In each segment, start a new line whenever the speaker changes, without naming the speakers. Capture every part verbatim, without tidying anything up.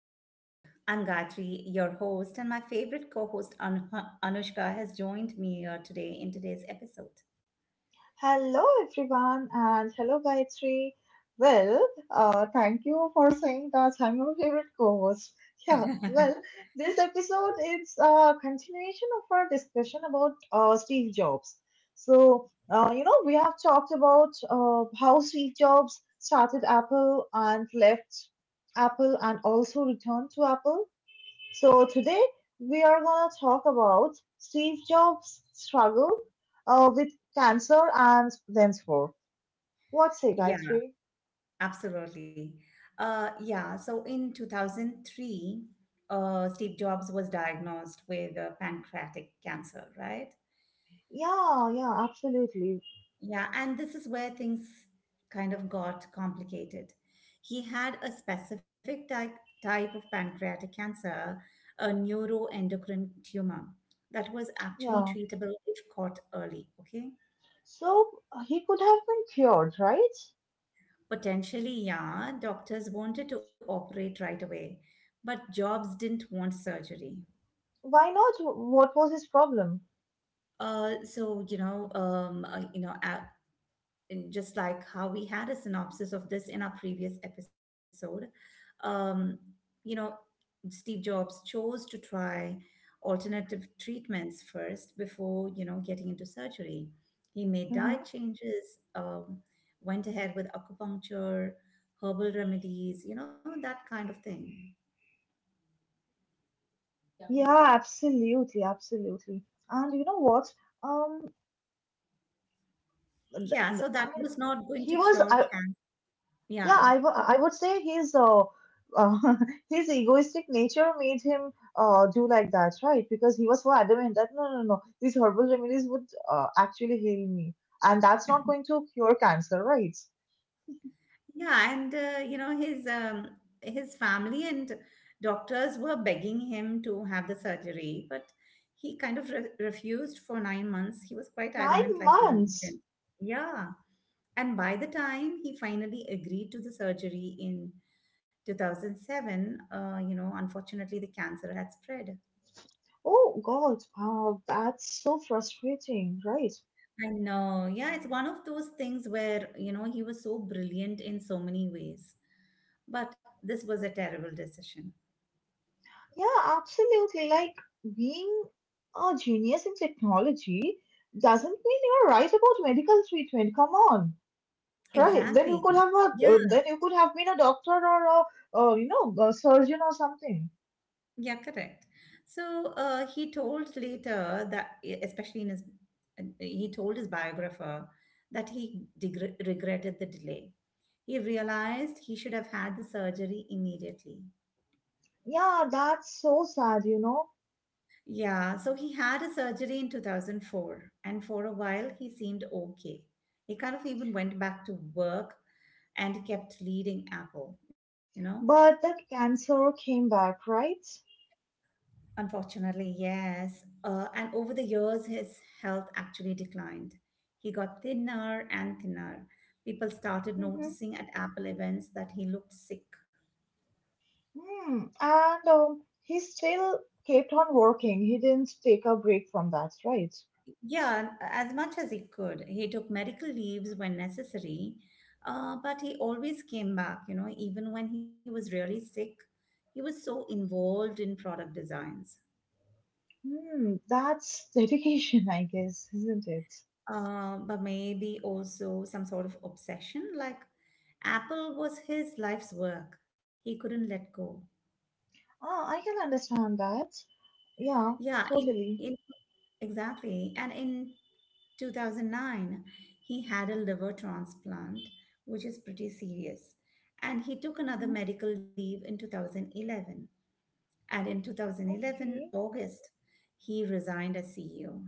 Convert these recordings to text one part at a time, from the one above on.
episode. I'm Gayatri, your host, and my favorite co host Anu- Anushka has joined me here today in today's episode.
Hello, everyone, and hello, Gayatri. Well, uh, thank you for saying that I'm your favorite co-host. Yeah, well, this episode is a continuation of our discussion about uh, Steve Jobs. So, uh, you know, we have talked about uh, how Steve Jobs started Apple and left Apple and also returned to Apple. So today we are going to talk about Steve Jobs' struggle uh, with cancer and henceforth. What say,
Yeah,
Gayatri?
absolutely. Uh, yeah, so in two thousand three, uh, Steve Jobs was diagnosed with uh, pancreatic cancer, right?
Yeah, yeah, absolutely.
Yeah, and this is where things kind of got complicated. He had a specific type, type of pancreatic cancer, a neuroendocrine tumor, that was actually
Yeah.
treatable if caught early. Okay.
So uh, he could have been cured, right?
Potentially, yeah, doctors wanted to operate right away, but Jobs didn't want surgery.
Why not? What was his problem?
Uh, so you know, um, uh, you know, uh, in just like how we had a synopsis of this in our previous episode, um, you know, Steve Jobs chose to try alternative treatments first before, you know, getting into surgery. He made diet
Mm-hmm.
changes, um, went ahead with acupuncture, herbal remedies, you know, that kind of thing.
Yeah, yeah, absolutely, absolutely. And you know what? Um, th
Yeah,
th
so that
I mean,
was not going to
he was.
cure
I
cancer.
Yeah,
Yeah,
I wo- I would say his uh, uh, his egoistic nature made him uh, do like that, right? Because he was so adamant that no, no, no, these herbal remedies would uh, actually heal me, and that's not going to cure cancer, right?
yeah, and uh, you know his um, his family and doctors were begging him to have the surgery, but he kind of re refused for nine months. He was quite
Nine
adamant, like you
months.
mentioned. Yeah, and by the time he finally agreed to the surgery in two thousand seven, uh, you know, unfortunately the cancer had spread.
Oh God, wow, that's so frustrating, right?
I know. Yeah, it's one of those things where, you know, he was so brilliant in so many ways, but this was a terrible decision.
Yeah, absolutely. Like being a genius in technology doesn't mean you're right about medical treatment. Come on. Right. Then you
Exactly.
could have a,
Yeah,
uh, then you could have been a doctor or a, uh, you know, a surgeon or something.
yeah, correct. So uh, he told later that, e, especially in his, he told his biographer that he degre regretted the delay. He realized he should have had the surgery immediately.
Yeah, that's so sad, you know.
Yeah, so he had a surgery in two thousand four, and for a while he seemed okay. He kind of even went back to work and kept leading Apple, you know?
But the cancer came back, right?
Unfortunately, yes. Uh, and over the years, his health actually declined. He got thinner and thinner. People started noticing at Apple events that he looked sick.
Mm-hmm. Mm. And um, he still kept on working. He didn't take a break from that, right?
Yeah, as much as he could. He took medical leaves when necessary, uh, but he always came back, you know, even when he was really sick. He was so involved in product designs.
Hmm. That's dedication, I guess, isn't it?
Um, but maybe also some sort of obsession. Like Apple was his life's work. He couldn't let go.
Ah, I can understand that. Yeah,
Yeah, in
totally.
in exactly. And in two thousand nine, he had a liver transplant, which is pretty serious. And he took another
Mm-hmm.
medical leave in two thousand eleven. And in
Okay.
twenty eleven, August, he resigned as C E O.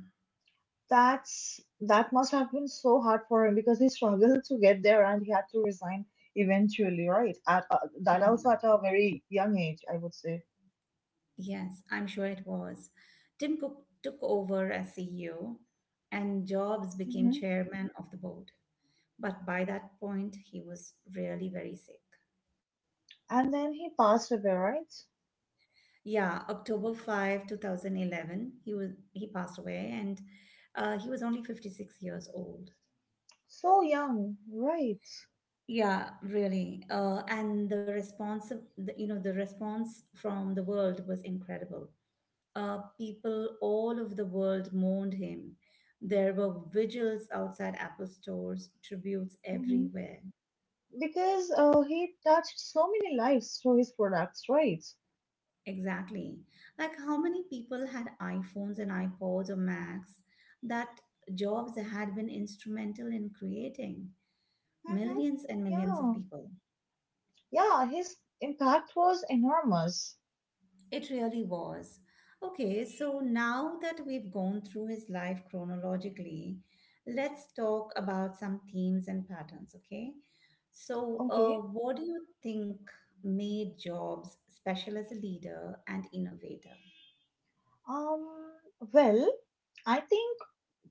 That's that must have been so hard for him because he struggled to get there and he had to resign eventually, right? At uh, that also at a very young age, I would say.
Yes, I'm sure it was. Tim Cook took over as C E O and Jobs became
Hmm
chairman of the board. But by that point, he was really very sick.
And then he passed away, right?
Yeah, October fifth, two thousand eleven, he was he passed away and uh, he was only fifty-six years old.
So young, right?
Yeah, really. Uh, and the response, of- the, you know, the response from the world was incredible. Uh, people all over the world mourned him. There were vigils outside Apple stores, tributes
hmm
everywhere.
Because uh, he touched so many lives through his products, right?
Exactly. Like how many people had iPhones and iPods or Macs that Jobs had been instrumental in creating?
hmm
Millions and millions of
Yeah,
people.
yeah, his impact was enormous.
It really was. Okay, so now that we've gone through his life chronologically, let's talk about some themes and patterns, okay? So, uh,
Okay.
what do you think made Jobs special as a leader and innovator?
Um. Well, I think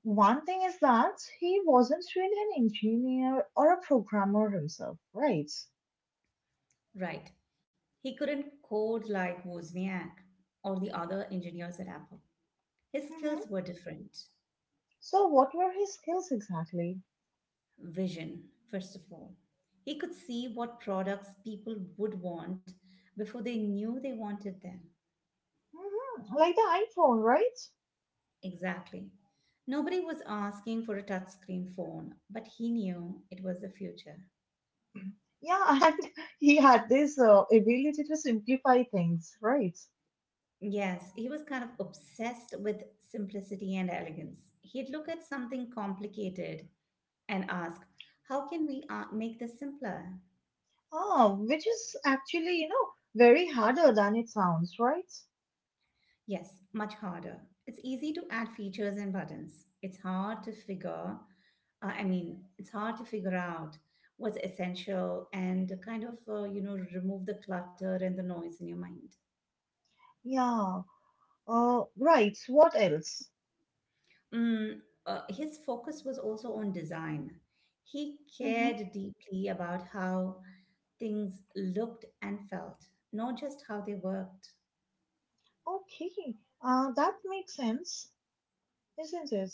one thing is that he wasn't really an engineer or a programmer himself, right?
Right. He couldn't code like Wozniak or the other engineers at Apple. His
hmm
skills were different.
So what were his skills exactly?
Vision, first of all. He could see what products people would want before they knew they wanted them.
hmm Like the iPhone, right?
Exactly. Nobody was asking for a touchscreen phone, but he knew it was the future.
Yeah, and he had this uh, ability to simplify things, right?
Yes, he was kind of obsessed with simplicity and elegance. He'd look at something complicated and ask, "How can we uh, make this simpler?"
Ah, which is actually, you know, very harder than it sounds, right?
Yes, much harder. It's easy to add features and buttons. It's hard to figure, uh, I mean, it's hard to figure out what's essential and kind of, uh, you know, remove the clutter and the noise in your mind.
Yeah. Uh, right. What else?
Mm, uh, his focus was also on design. He
Hmm
cared deeply about how things looked and felt, not just how they worked.
Okay. Uh, that makes sense, isn't it?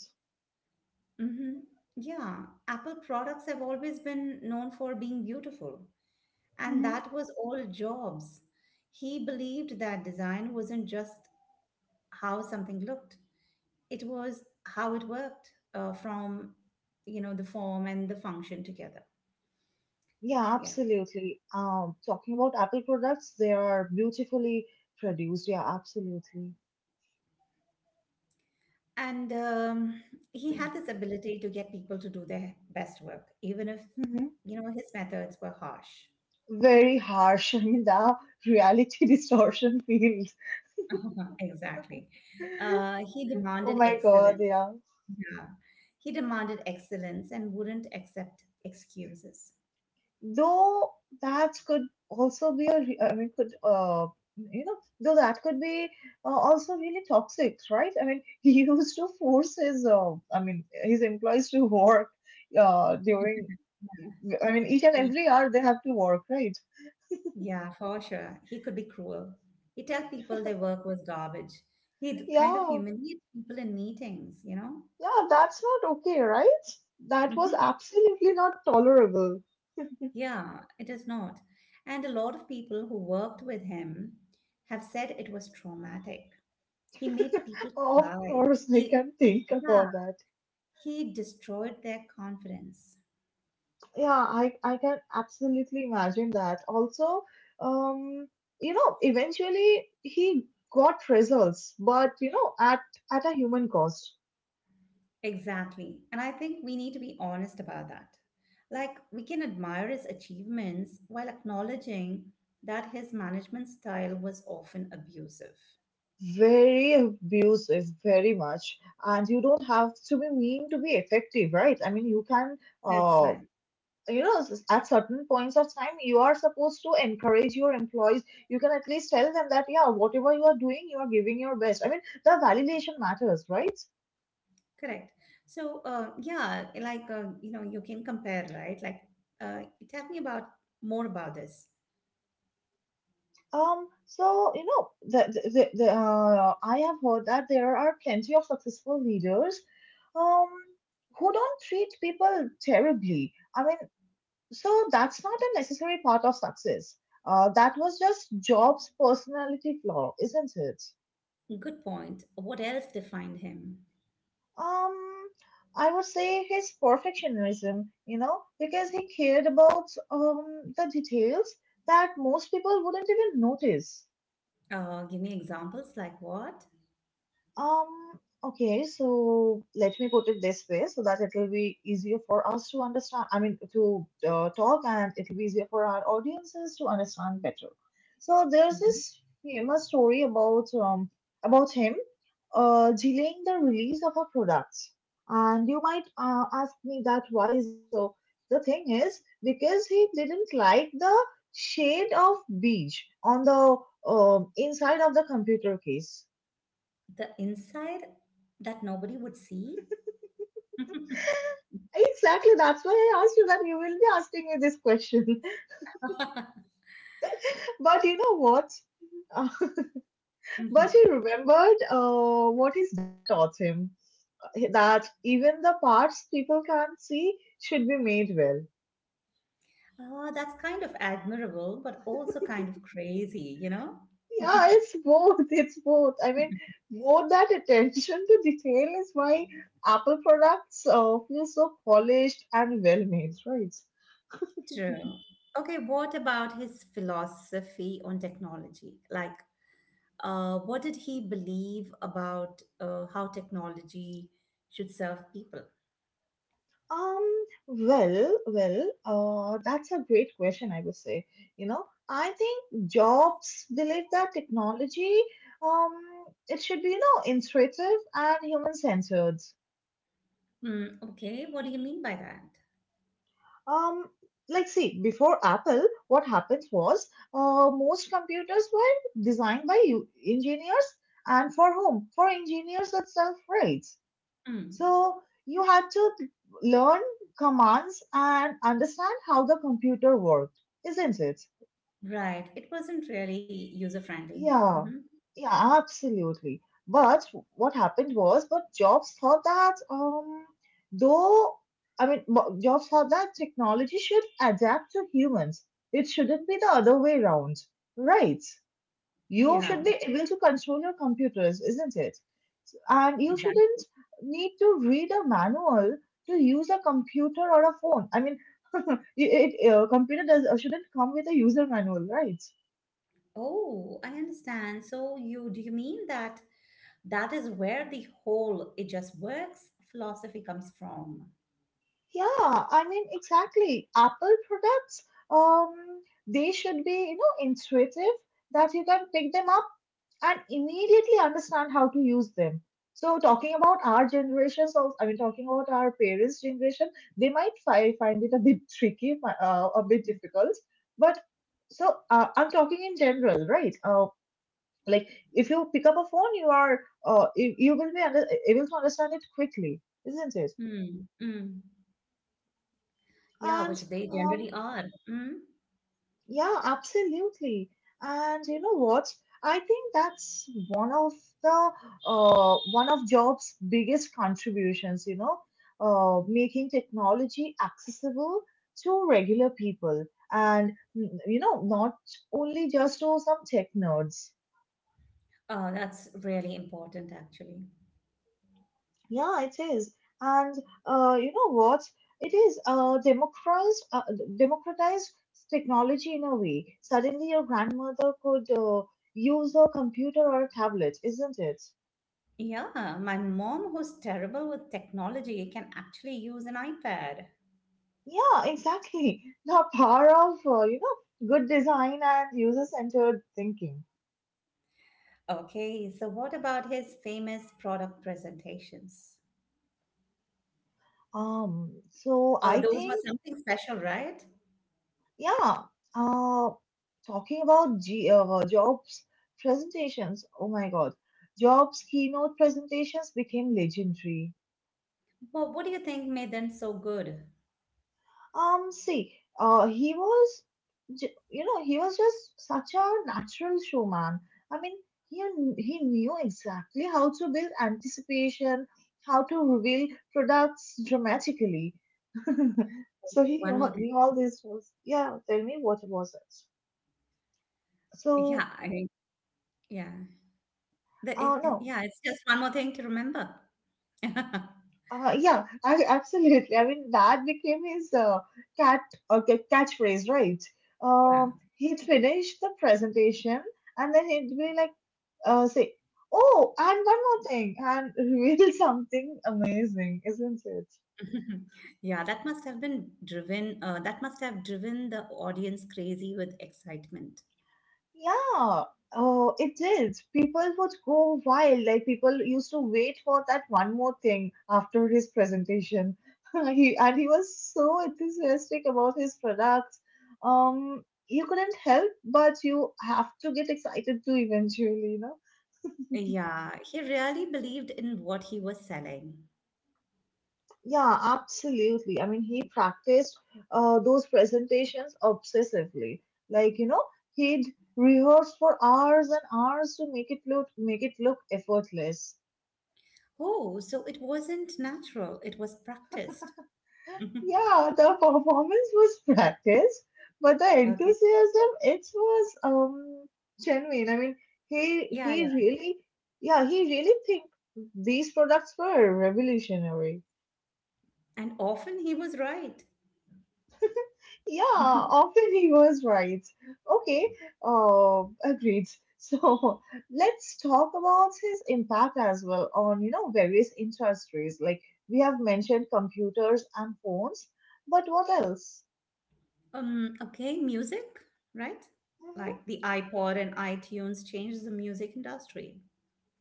Hmm. Yeah, Apple products have always been known for being beautiful. And
Mm-hmm.
that was all Jobs. He believed that design wasn't just how something looked, it was how it worked uh, from, you know, the form and the function together.
Yeah,
Yeah.
absolutely. Um, talking about Apple products, they are beautifully produced. Yeah, absolutely.
And um, he had this ability to get people to do their best work, even if,
Hmm
you know, his methods were harsh.
Very harsh in the reality distortion field.
Exactly. Uh, he
Oh
demanded
my God,
excellence.
yeah.
Yeah. He demanded excellence and wouldn't accept excuses.
Though that could also be a re- I mean could uh you know though that could be uh, also really toxic, right? I mean, he used to force his uh, i mean his employees to work uh during, I mean, each and every hour they have to work, right?
Yeah, for sure. He could be cruel. He'd tell people their work was garbage. He'd kind of
Yeah,
humiliate people in meetings, you know?
yeah, that's not okay, right? That was
Hmm.
absolutely not tolerable.
Yeah, it is not. And a lot of people who worked with him have said it was traumatic. He made people
Of
cry.
course I
He,
can think
yeah,
about that.
he destroyed their confidence.
Yeah, I, I can absolutely imagine that. Also, um, you know, eventually he got results, but you know, at at a human cost.
Exactly. And I think we need to be honest about that. Like, we can admire his achievements while acknowledging that his management style was often abusive.
Very abusive, very much. And you don't have to be mean to be effective, right? I mean, you can,
That's
uh,
right.
you know, s- at certain points of time, you are supposed to encourage your employees. You can at least tell them that, yeah, whatever you are doing, you are giving your best. I mean, the validation matters, right?
Correct. So, uh, yeah, like, uh, you know, you can compare, right? Like, uh, tell me about more about this.
Um, so you know, the, the, the, the, uh, I have heard that there are plenty of successful leaders, um, who don't treat people terribly. I mean, so that's not a necessary part of success. Uh, that was just Job's personality flaw, isn't it?
Good point. What else defined him?
Um, I would say his perfectionism, you know, because he cared about um the details that most people wouldn't even notice.
Uh, give me examples like what?
Um, okay, so let me put it this way so that it will be easier for us to understand, I mean, to uh, talk, and it will be easier for our audiences to understand better. So there's
Mhm.
this famous story about um about him uh delaying the release of a product. And you might uh, ask me that why is it so? The thing is because he didn't like the shade of beige on the um inside of the computer case.
The inside that nobody would see?
Exactly, that's why I asked you that you will be asking me this question. But you know what? But he remembered uh, what his dad taught him, eh, that even the parts people can't see should be made well.
Ah, that's kind of admirable, but also kind of crazy, you know?
Yeah, it's both. It's both. I mean, both that attention to detail is why Apple products uh, feel so polished and well made, right?
True. Okay, what about his philosophy on technology? Like, uh, what did he believe about uh, how technology should serve people?
Um, well, well, uh, that's a great question, I would say. You know, I think Jobs believe that technology, um, it should be, you know, intuitive and human-centered.
Mm, okay, what do you mean by that?
Um, like, see, before Apple, what happened was, uh, most computers were designed by you engineers and for whom? For engineers itself, right?
Mm,
So you had to learn commands and understand how the computer worked, isn't it?
right, it wasn't really user friendly.
Yeah,
Hmm.
yeah, absolutely. But what happened was, but Jobs thought that, um, though, I mean, Mo- Jobs thought that technology should adapt to humans. It shouldn't be the other way around, right? You
Yeah,
should be able to control your computers, isn't it? And you shouldn't
exactly.
need to read a manual to use a computer or a phone. I mean, it, it, uh, computer does uh, shouldn't come with a user manual, right?
Oh, I understand. So you do you mean that that is where the whole it just works philosophy comes from.
Yeah, I mean, exactly. Apple products, um, they should be, you know, intuitive that you can pick them and immediately understand how to use them. So talking about our generations, of, I mean talking about our parents' generation, they might fi- find it a bit tricky, uh, a bit difficult. But so uh, I'm talking in general, right? Uh, like if you pick up a phone, you are uh, you, you will be under- able to understand it quickly, isn't it?
Mm, mm. Yeah, which
And
they
um,
generally are. Mm.
yeah, absolutely. And you know what? I think that's one of the uh, one of Jobs' biggest contributions, you know, uh, making technology accessible to regular people and mm, you know, not only just to some tech nerds.
Oh, that's really important, actually.
Yeah, it is. And uh, you know what? It is uh, democratized, uh, democratized technology in a way. Suddenly, your grandmother could uh, use a computer or a tablet, isn't it?
Yeah, my mom, who's terrible with technology, can actually use an iPad.
Yeah, exactly. The power of uh, you know good design and user-centered thinking.
Okay, so what about his famous product presentations?
Um, so
Uh,
I
those were
think
something special, right?
yeah. Uh, talking about G- uh, Jobs presentations. Oh my God. Jobs keynote presentations became legendary.
Well, what do you think made them so good? Okay,
Um, see, uh, he was, j- You know, he was just such a natural showman. I mean, he kn- he knew exactly how to build anticipation, how to reveal products dramatically. So he
one
knew,
more thing.
knew all this was, yeah, tell me what was it.
Yeah,
So,
I, yeah. The, it,
uh,
it-
no,
yeah, it's just one more thing to remember.
Uh, yeah, I, absolutely. I mean, that became his uh, cat uh, ca- catchphrase, right?
Yeah.
Um, he'd finish the presentation and then he'd be like, uh, say, "Oh, and one more thing," and reveal something amazing, isn't it?
Yeah, that must have been driven, uh, that must have driven the audience crazy with excitement.
Yeah, oh, it did. People would go wild. Like people used to wait for that one more thing after his presentation. He and he was so enthusiastic about his products. Um, you couldn't help but you have to get excited too eventually, you know?
Yeah, he really believed in what he was selling.
Yeah, absolutely. I mean, he practiced uh, those presentations obsessively. Like, you know, he'd rehearse for hours and hours to make it look make it look effortless.
Oh, so it wasn't natural, it was practiced. Mhm.
Yeah, the performance was practiced, but the
Okay.
enthusiasm it was um genuine. I mean, he
Yeah,
he
yeah.
really, yeah, he really think these products were revolutionary.
And often he was right.
Yeah,
Mhm.
often he was right. Okay, uh, agreed. So let's talk about his impact as well on you know various industries. Like we have mentioned computers and phones, but what else?
Um, okay, music, right?
Mm-hmm.
Like the iPod and iTunes changed the music industry.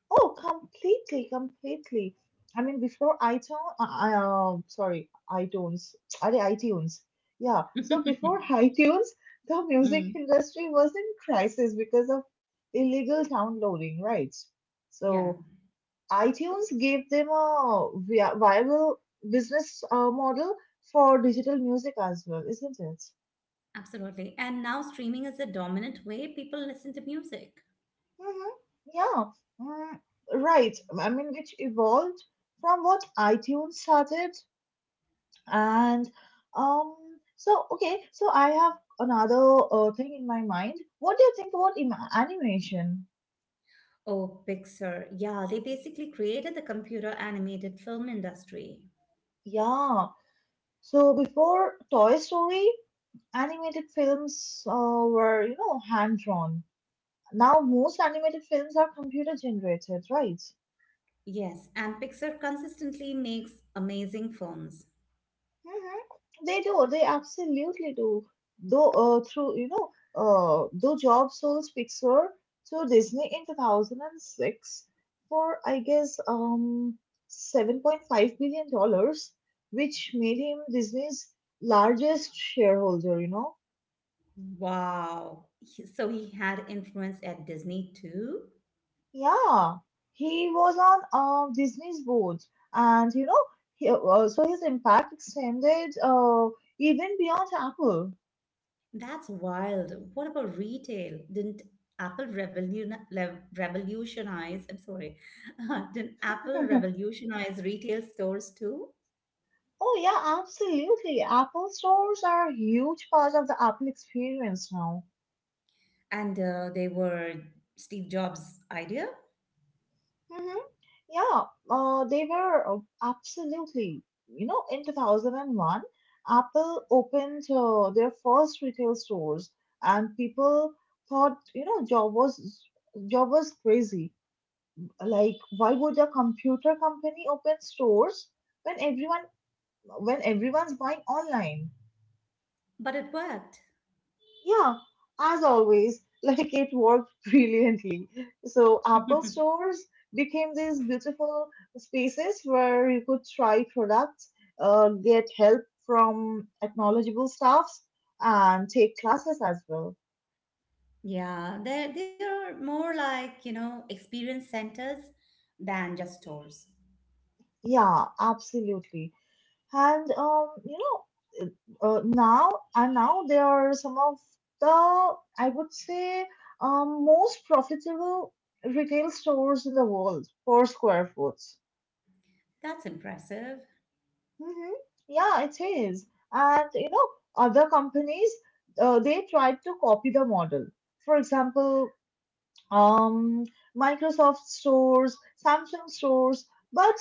Oh, completely, completely. I mean, before iTunes, I, I um, sorry, iTunes, are they iTunes? Yeah. So before iTunes, the music
Mm,
industry was in crisis because of illegal downloading, right?
yeah.
So iTunes gave them a vi- viable business uh, model for digital music as well, isn't it?
Absolutely. And now streaming is the dominant way people listen to music.
Mm-hmm. Yeah. Mm, right. I mean, which evolved from what iTunes started. And um, so okay, so I have another uh, thing in my mind. What do you think about ima- animation?
Oh, Pixar. Yeah, they basically created the computer animated film industry.
Yeah. So before Toy Story, animated films uh, were you know hand drawn. Now most animated films are computer generated, right?
Yes, and Pixar consistently makes amazing films.
Mhm. They do. They absolutely do. Though, uh, through you know, uh, Though Jobs sold Pixar to Disney in two thousand six for I guess um seven point five billion dollars, which made him Disney's largest shareholder. You know,
Wow. He- So he had influence at Disney too?
yeah, he was on um Disney's board, and you know, he, uh, so his impact extended uh even beyond Apple.
That's wild. What about retail? Didn't Apple revolution, revolutionize? I'm sorry. Didn't Apple revolutionize retail stores too?
Oh, yeah, absolutely. Apple stores are a huge part of the Apple experience now.
And uh, they were Steve Jobs' idea,
Hmm Yeah, uh, they were uh, absolutely. You know, in two thousand one, Apple opened uh, their first retail stores, and people thought, you know, job was job was crazy. Like, why would a computer company open stores when everyone when everyone's buying online?
but it worked.
Yeah, as always, like it worked brilliantly. So, Apple stores became these beautiful spaces where you could try products, uh, get help from knowledgeable staffs, and take classes as well.
Yeah, they're, they're more like, you know, experience centers than just stores.
Yeah, absolutely. And um, you know, uh, uh, now and now there are some of the I would say um, most profitable retail stores in the world per square foot.
That's impressive.
Mm-hmm. Yeah, it is. And you know, other companies uh, they tried to copy the model. For example, um, Microsoft stores, Samsung stores, but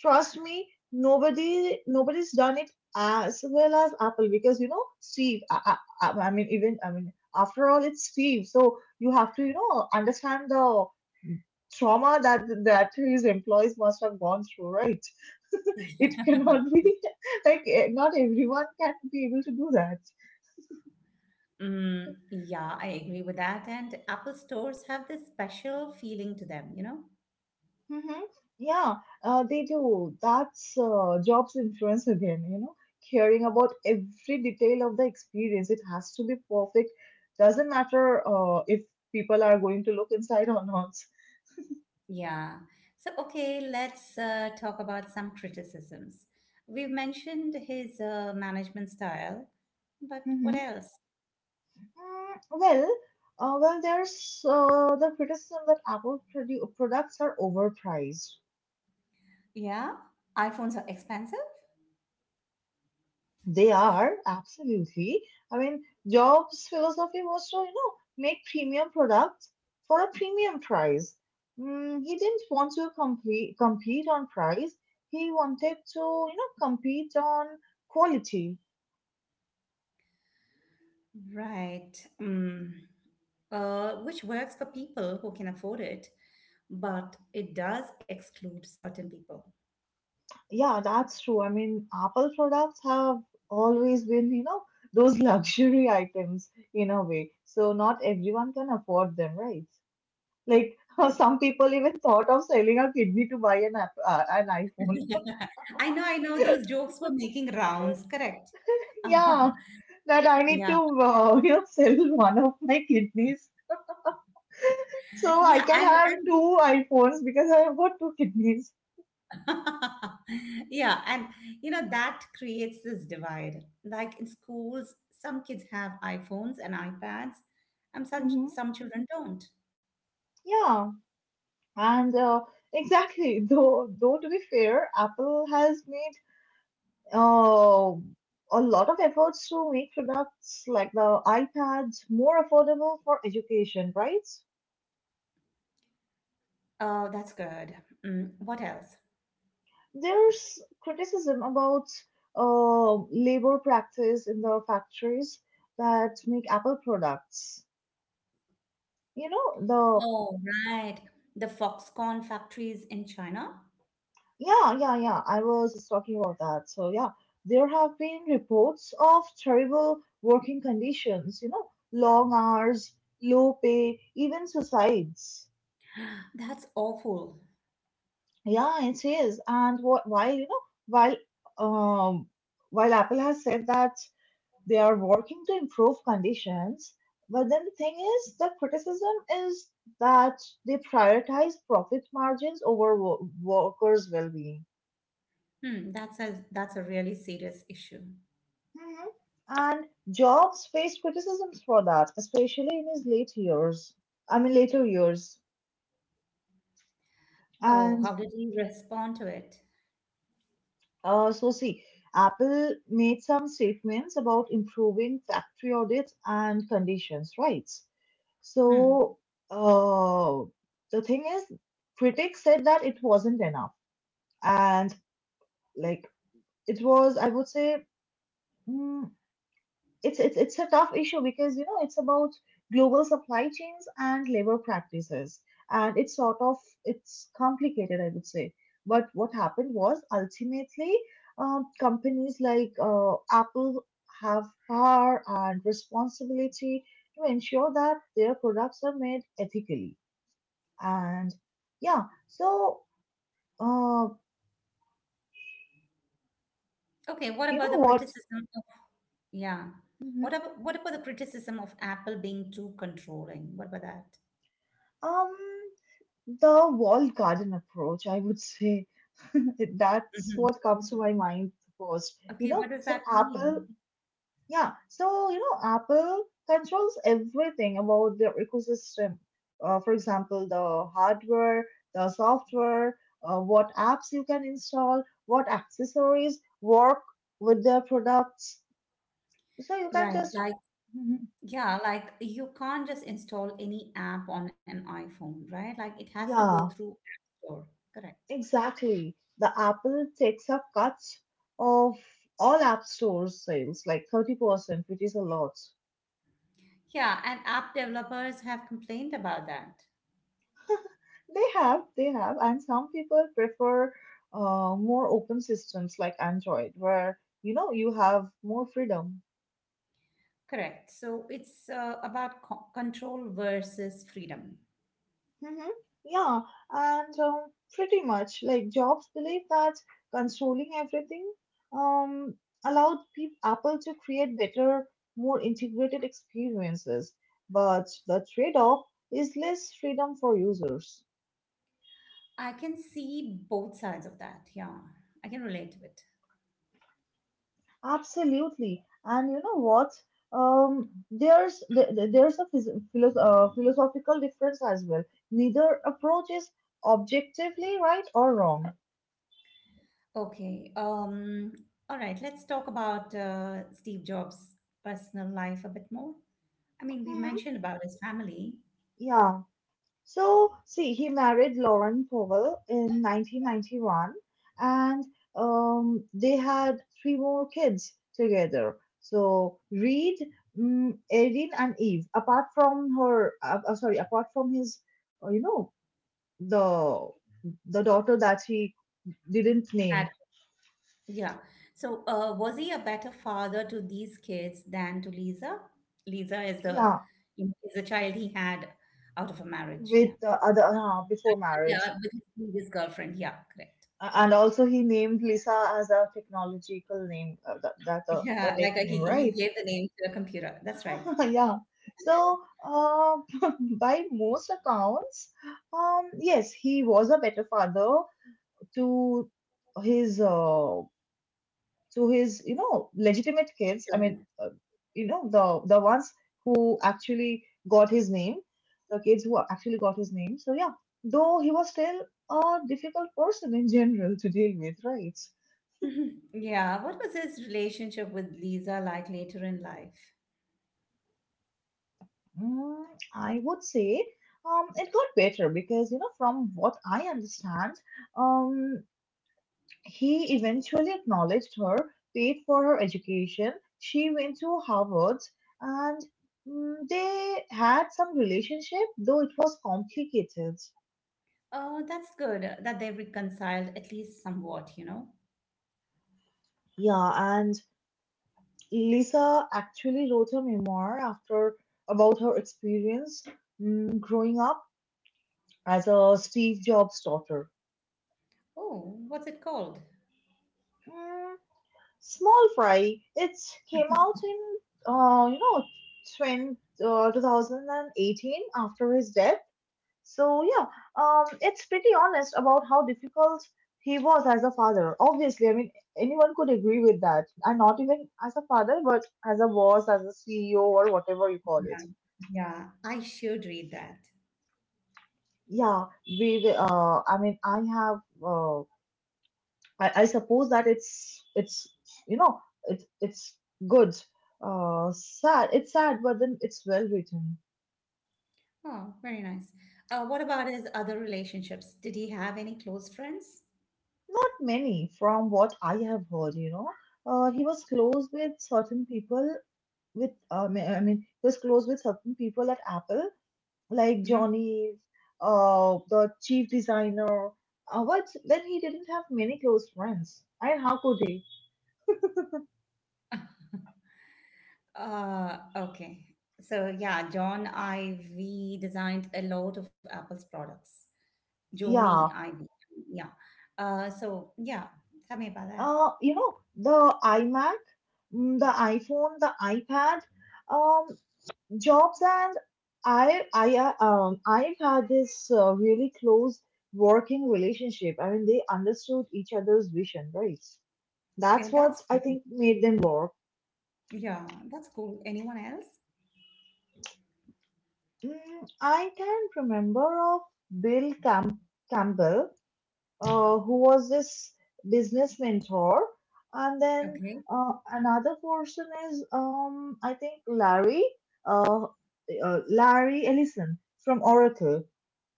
trust me, nobody nobody's done it as well as Apple because you know Steve. I, I, I I mean, even I mean, after all, it's Steve. So you have to you know understand the trauma that that his employees must have gone through, right? It
Yeah.
cannot be like eh, not everyone can be able to do that.
Mm, yeah, I agree with that. And Apple stores have this special feeling to them, you know?
Hmm Yeah, uh, they do. That's uh, jobs influence again. You know, caring about every detail of the experience. It has to be perfect. Doesn't matter uh, if people are going to look inside or not.
Yeah. So, okay, let's uh, talk about some criticisms. We've mentioned his uh, management style, but
Hmm
what else?
Mm, well, uh, well, there's uh, the criticism that Apple produ- products are overpriced.
Yeah, iPhones are expensive.
They are absolutely. I mean, Jobs' philosophy was to, you know, make premium products for a premium price. Mm, he didn't want to complete, compete on price. He wanted to, you know, compete on quality.
Right. Mm. Uh, which works for people who can afford it, but it does exclude certain people.
Yeah, that's true. I mean, Apple products have always been, you know, those luxury items in a way. So not everyone can afford them, right? Like some people even thought of selling a kidney to buy an app, uh, an iPhone.
I know, I know those jokes were making rounds, correct?
Yeah, that I need
Yeah.
to, uh, you know, sell one of my kidneys so
Yeah,
I can
and,
have
and
two iPhones because I've got two kidneys.
yeah, and you know that creates this divide. Like in schools, some kids have iPhones and iPads, and some
Hmm
some children don't.
Yeah, and uh, exactly. Though, though to be fair, Apple has made uh, a lot of efforts to make products like the iPads more affordable for education, right?
Oh, that's good. Mm, what else?
There's criticism about uh, labor practice in the factories that make Apple products. You know, the
Oh, right. The Foxconn factories in China.
yeah, yeah, yeah. I was talking about that. So yeah, there have been reports of terrible working conditions. You know, long hours, low pay, even suicides.
That's awful.
Yeah, it is. And what, while you know, while um, while Apple has said that they are working to improve conditions. But then the thing is, the criticism is that they prioritize profit margins over wo- workers' well being.
Hmm, that's a that's a really serious issue.
Mhm. And Jobs faced criticisms for that, especially in his late years. I mean, later years.
Oh,
And
how did he respond to it?
uh, so, see, Apple made some statements about improving factory audits and conditions, right?
Hmm.
So uh, the thing is, critics said that it wasn't enough, and like it was, I would say, mm, it's it's it's a tough issue because you know it's about global supply chains and labor practices, and it's sort of it's complicated, I would say. But what happened was ultimately, um, companies like uh, Apple have power and responsibility to ensure that their products are made ethically. And yeah, so uh,
Okay, what
you
about
know
the
what?
criticism? Yeah. What
Mhm.
about what about the criticism of Apple being too controlling? What about that?
Um, the walled garden approach, I would say. That's
Hmm.
what comes to my mind first. You
Okay,
know,
what does
so
that
Apple,
mean?
yeah, so you know, Apple controls everything about their ecosystem. Uh, for example, the hardware, the software, uh, what apps you can install, what accessories work with their products. So you can
Right,
just,
like
Mhm.
yeah, like you can't just install any app on an iPhone, right? Like it has to go
Yeah,
through App Store. Correct.
exactly. The Apple takes up cuts of all App Store sales, like thirty percent, which is a lot.
Yeah, and app developers have complained about that.
They have, they have, and some people prefer uh, more open systems like Android, where you know you have more freedom.
Correct. So it's uh, about co control versus freedom.
Mm-hmm. Yeah, and um, pretty much like Jobs believed that controlling everything um, allowed pe- Apple to create better, more integrated experiences. But the trade-off is less freedom for users.
I can see both sides of that. Yeah, I can relate to it.
Absolutely, and you know what? Um, there's th- th- there's a phys- philo- uh, philosophical difference as well. Neither approach is objectively right or wrong.
Okay. Um, all right. Let's talk about uh, Steve Jobs' personal life a bit more. I mean, we
Mm-hmm.
mentioned about his family.
Yeah, so, see, he married Lauren Powell in nineteen ninety-one, and um, they had three more kids together. So, Reed, mm, Erin, and Eve. Apart from her, uh, uh, sorry, apart from his, uh, you know, the the daughter that he didn't
Had
name.
Yeah. So, uh, was he a better father to these kids than to Lisa? Lisa is the
Yeah,
is the child he had out of a marriage.
with
Yeah.
uh, other uh, before
Yeah, with
marriage.
his previous girlfriend. Yeah, correct.
A- and also he named Lisa as a technological name. Uh, that that uh,
Yeah,
The
like
tech
uh, he
name,
he
right?
gave the name to the computer. That's right.
Yeah. So, uh, by most accounts, um, yes, he was a better father to his uh, to his you know legitimate kids. I mean,
Children.
uh, you know the the ones who actually got his name, the kids who actually got his name. So yeah, though he was still a difficult person in general to deal with, right?
Yeah. What was his relationship with Lisa like later in life?
Mm, I would say um, it got better because you know from what I understand. Um, He eventually acknowledged her, paid for her education, she went to Harvard, and mm, they had some relationship, though it was complicated.
Oh, that's good uh, that they reconciled at least somewhat, you know.
Yeah, and Lisa actually wrote a memoir after about her experience mm, growing up as a Steve Jobs daughter.
Oh, what's it called?
Mm, small fry. It came out in uh, you know 20, uh, two thousand eighteen after his death. So yeah, um, it's pretty honest about how difficult he was as a father. Obviously, I mean anyone could agree with that, and not even as a father, but as a boss, as a C E O, or whatever you call it.
Yeah, yeah, I should read that.
Yeah, we. we- Uh, I mean, I have. Uh, I, I suppose that it's it's you know it's it's good. Uh, sad. It's sad, but then it's well written.
Oh, very nice. Uh, what about his other relationships? Did he have any close friends?
Not many from what I have heard. You know, uh, he was close with certain people with uh, I mean he was close with certain people at Apple like
hmm
Johnny, uh, the chief designer. Uh, but then he didn't have many close friends. And how could he?
Uh, okay. So yeah, John Ivy designed a lot of Apple's products. Joni
Yeah.
Ivy, yeah. Uh, so yeah, tell me about that.
Uh, you know the iMac, mm, the iPhone, the iPad, um, Jobs and I I uh, um I've had this uh, really close working relationship. I mean they understood each other's vision, right?
Yeah,
That's what
that's
I
cool.
think made them work.
Yeah, that's cool. Anyone else?
Mm, I can remember of Bill Cam Campbell, uh, who was this business mentor, and then
Okay.
uh, another person is um, I think Larry, uh, uh, Larry Ellison from Oracle.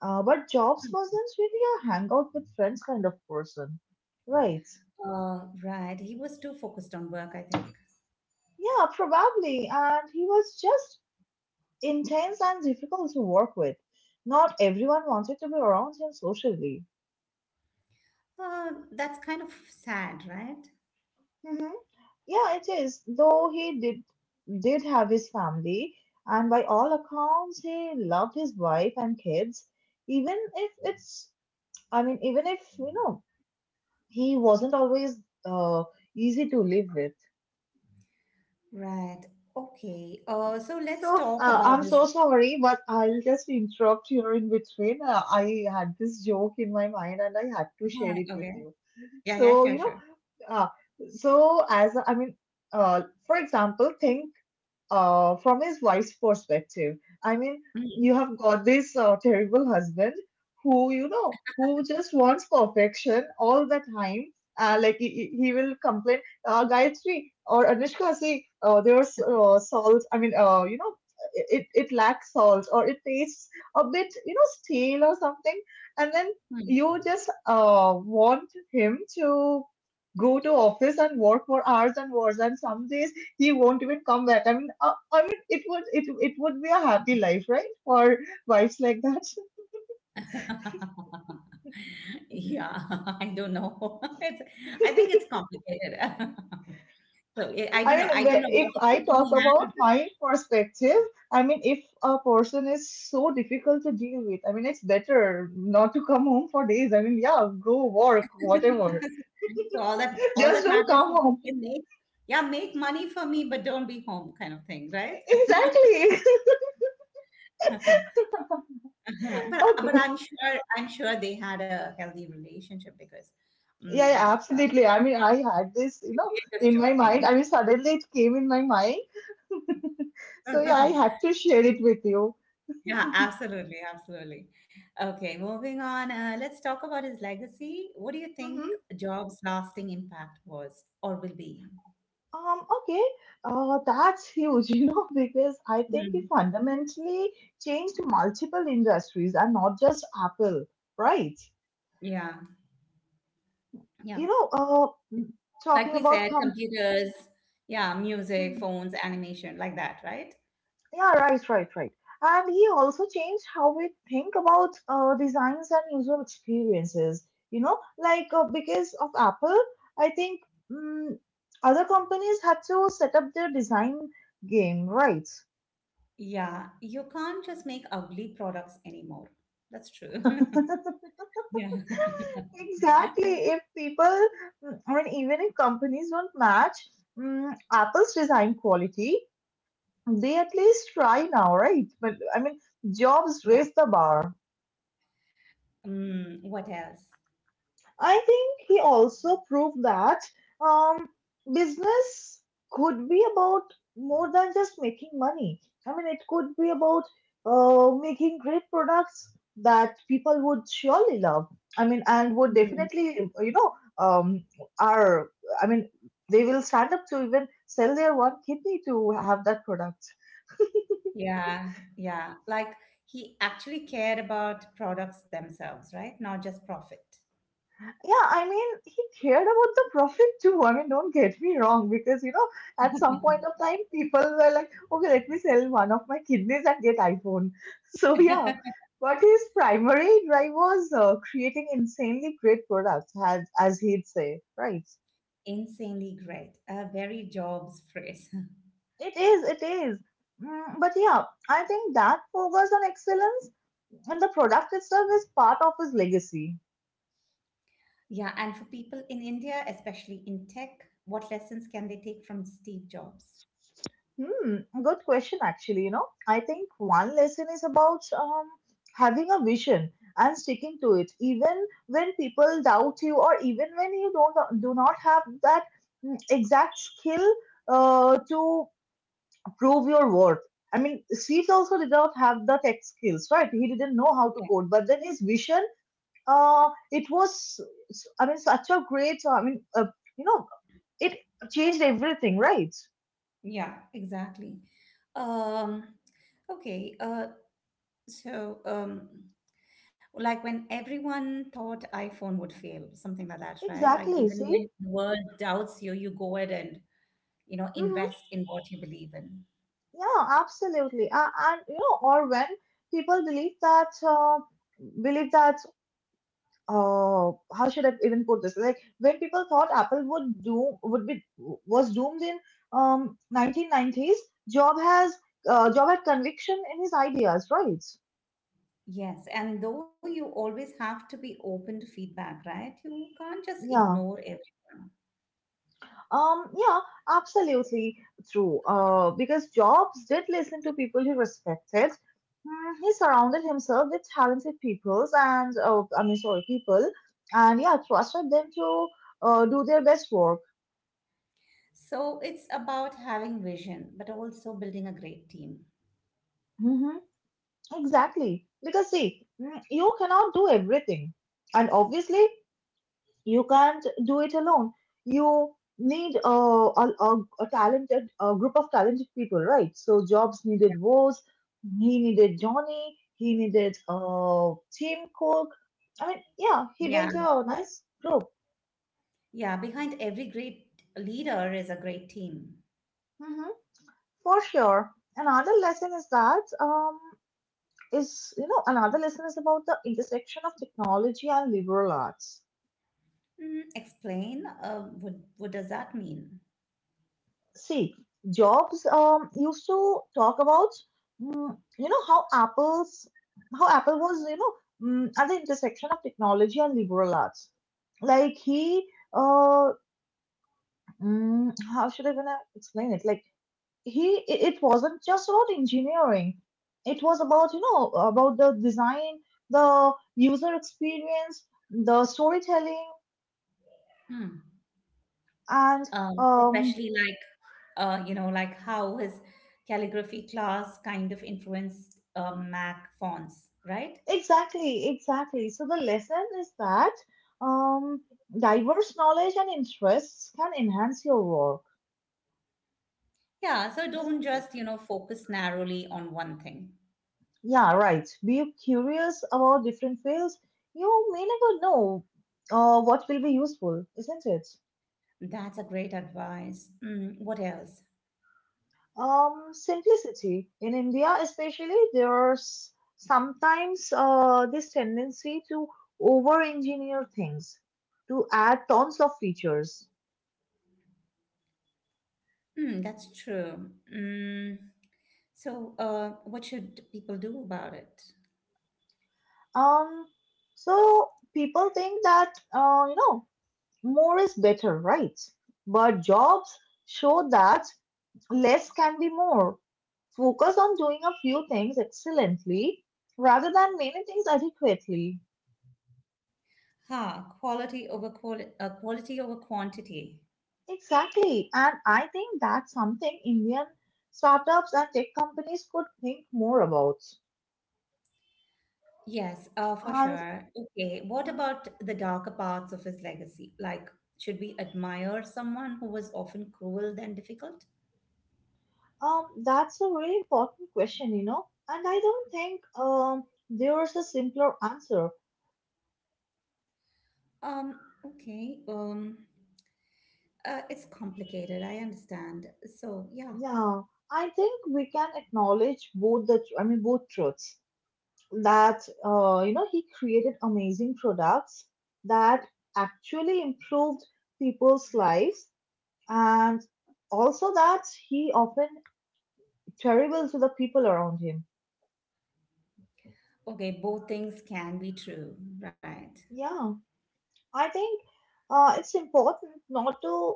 Uh, but Jobs wasn't really a hangout with friends kind of person, right?
Uh, right. He was too focused on work, I think.
Yeah, probably, and he was just intense and difficult to work with. Not everyone wanted to be around him socially.
Uh, that's kind of sad, right?
Hmm Yeah, it is. Though he did did have his family, and by all accounts, he loved his wife and kids. Even if it's, I mean, even if you know, he wasn't always uh, easy to live with.
Right. Okay. Uh, so let's
So
talk
uh,
about
I'm
this.
so sorry, but I'll just interrupt here in between. Uh, I had this joke in my mind, and I had to share
Hi.
it with
Okay.
you.
Yeah, yeah,
So
sure,
you know,
sure.
uh, so as I mean, uh, for example, think uh, from his wife's perspective. I mean,
Mm,
you have got this uh, terrible husband who, you know, who just wants perfection all the time. Uh, like he, he he will complain, uh, Gayatri or Anushka, see, uh, there's uh, salt. I mean, uh, you know, it, it lacks salt or it tastes a bit, you know, stale or something. And then
mm.
you just uh, want him to go to office and work for hours and hours and some days he won't even come back. I mean, uh, I mean, it would it it would be a happy life, right, for wives like that.
Yeah, I don't know. It's, I think it's complicated. So I I
I
don't know. I
mean,
don't
wh-
know what
if I
equation
talk
he
about
has.
my perspective, I mean, if a person is so difficult to deal with, I mean, it's better not to come home for days. I mean, yeah, go work, whatever.
So all that all
Just
that
don't
matters
come
is
home.
okay, make yeah, make money for me, but don't be home, kind of thing, right?
Exactly.
But but
Okay.
I'm sure I'm sure they had a healthy relationship because
Yeah,
um.
yeah,
uh,
absolutely. I mean, I had this, you know,
we're just
in my
joking,
mind. I mean, suddenly it came in my mind. So, yeah, I
yeah,
had to share it with you.
yeah, absolutely, absolutely. Okay, moving on. Uh, let's talk about his legacy. What do you think
Mm-hmm.
Jobs' lasting impact was or will be?
Um, okay, uh, that's huge, you know, because I think it
Mhm.
fundamentally changed multiple industries and not just Apple, right?
Yeah, yeah.
You know, uh, m-
Like
talking
we
about
said,
com.
computers, yeah, music,
Hmm.
phones, animation, like that, right?
Yeah, right, right, right. And he also changed how we think about uh, designs and user experiences, you know, like uh, because of Apple, I think mm other companies had to set up their design game, right?
Yeah, you can't just make ugly products anymore. That's true. Yeah.
Exactly. If people mm, I mean, even if companies don't match mm, Apple's design quality, they at least try now, right? But I mean, jobs
Yeah.
raise the bar.
Mm, what else?
I think he also proved that um, business could be about more than just making money. I mean, it could be about uh, making great products that people would surely love. I mean, and would
Mm.
definitely, you know, um, are, I mean, they will stand up to even sell their one kidney to have that product.
Yeah, yeah. Like he actually cared about products themselves, right? Not just profit.
Yeah, I mean, he cared about the profit too. I mean, don't get me wrong, because you know, at some point of time, people were like, okay, let me sell one of my kidneys and get iPhone. So yeah, but his primary drive was uh, creating insanely great products, as as he'd say, right?
Insanely great. A very jobs phrase.
It is, it is. Mm, but yeah, I think that focus on excellence and the product itself is part of his legacy.
Yeah, and for people in India, especially in tech, what lessons can they take from Steve Jobs?
Hmm, good question, actually. You know, I think one lesson is about um, having a vision and sticking to it, even when people doubt you, or even when you don't do not have that mm, exact skill uh, to prove your worth. I mean, Steve also did not have the tech skills, right? He didn't know how to
Yeah,
code, but then his vision, uh, it was, I mean, such a great, I mean, uh, you know, it changed everything, right?
yeah, exactly. Um, okay, uh, so um, like when everyone thought iPhone would fail, something like that, right? Like
Exactly.
even
See?
when the world doubts you, you go ahead and you know
Hmm.
invest in what you believe in.
Yeah, absolutely. Uh, and you know, or when people believe that, uh, believe that, uh, how should I even put this? Like when people thought Apple would do would be was doomed in um nineteen nineties, Job has uh, Job had conviction in his ideas, right?
Yes, and though you always have to be open to feedback, right? You can't just
Yeah.
ignore everyone.
Um, yeah, absolutely true. Uh, because Jobs did listen to people he respected. Mm, he surrounded himself with talented peoples and uh, I mean, sorry, people, and yeah, trusted them to uh, do their best work.
So it's about having vision, but also building a great team.
Mm-hmm. Exactly. Because see, mm, you cannot do everything, and obviously, you can't do it alone. You need a, a, a, a talented a group of talented people, right? So Jobs needed Woz, he needed Johnny, he needed uh, Tim Cook. I mean, yeah, he
Yeah,
built a nice group.
yeah, behind every great leader is a great team.
Hmm, for sure. another lesson is that um is you know another lesson is about the intersection of technology and liberal arts.
Mm, explain, uh, what, what does that mean?
See, Jobs um, used to talk about, mm, you know, how Apple's how Apple was, you know, mm, at the intersection of technology and liberal arts. Like he, uh, mm, how should I gonna explain it? Like he, it, it wasn't just about engineering. It was about, you know, about the design, the user experience, the storytelling,
Hmm.
and
Um,
um,
especially like uh, you know like how his calligraphy class kind of influenced uh, mac fonts right.
exactly, exactly. So the lesson is that um, diverse knowledge and interests can enhance your work,
Yeah so don't
isn't it?
just you know focus narrowly on one thing.
Yeah, right. Be curious about different fields. You may never know uh, what will be useful, isn't it?
That's a great advice. Mm, what else?
Um, simplicity. In India, especially, there's sometimes uh, this tendency to over engineer things, to add tons of features.
Mm, that's true. Mm, so uh, what should people do about it?
Um, so people think that uh, you know, more is better, right? But jobs show that less can be more. Focus on doing a few things excellently rather than many things adequately.
Huh. Quality over quali- uh, quality over quantity.
Exactly, and I think that's something Indian startups and tech companies could think more about.
Yes, uh, for
And
sure. Okay, what
mhm,
about the darker parts of his legacy? Like, should we admire someone who was often cruel than difficult?
um, that's a really important question, you know. And I don't think um, there's a simpler answer.
Um, okay. Um, uh, it's complicated, I understand. So, yeah.
Yeah, I think we can acknowledge both the, I mean, both truths, that, uh, you know, he created amazing products that actually improved people's lives and also that he often terrible to the people around him.
Okay, both things can be true, right?
Yeah, I think uh, it's important not to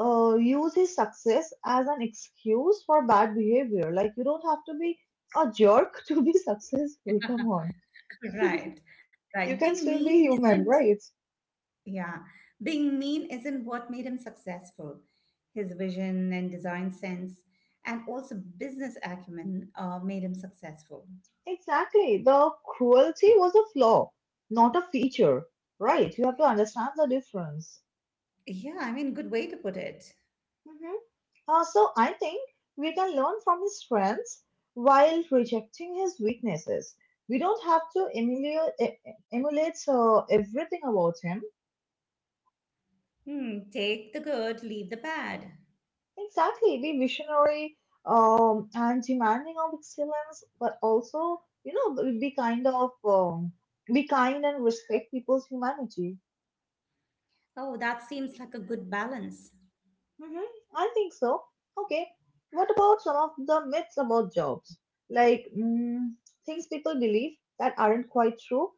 uh, use his success as an excuse for bad behavior. Like, you don't have to be a jerk to be successful. Come on.
Right, right.
You can
Being
still
mean
be human,
isn't,
right?
yeah, being mean isn't what made him successful. His vision and design sense, and also business acumen, uh, made him successful.
Exactly. The cruelty was a flaw, not a feature. Right. You have to understand the difference.
Yeah, I mean, good way to put it.
Hmm. Uh, so I think we can learn from his strengths while rejecting his weaknesses. We don't have to emulate, e- e, emulate uh, everything about him.
Hmm, take the good, leave the bad.
Exactly. Be visionary, um, and demanding of excellence, but also, you know, be be kind of, um, be kind and respect people's humanity.
Oh, that seems like a good balance.
Hmm, I think so. Okay. What about some of the myths about jobs? Like mm, things people believe that aren't quite true?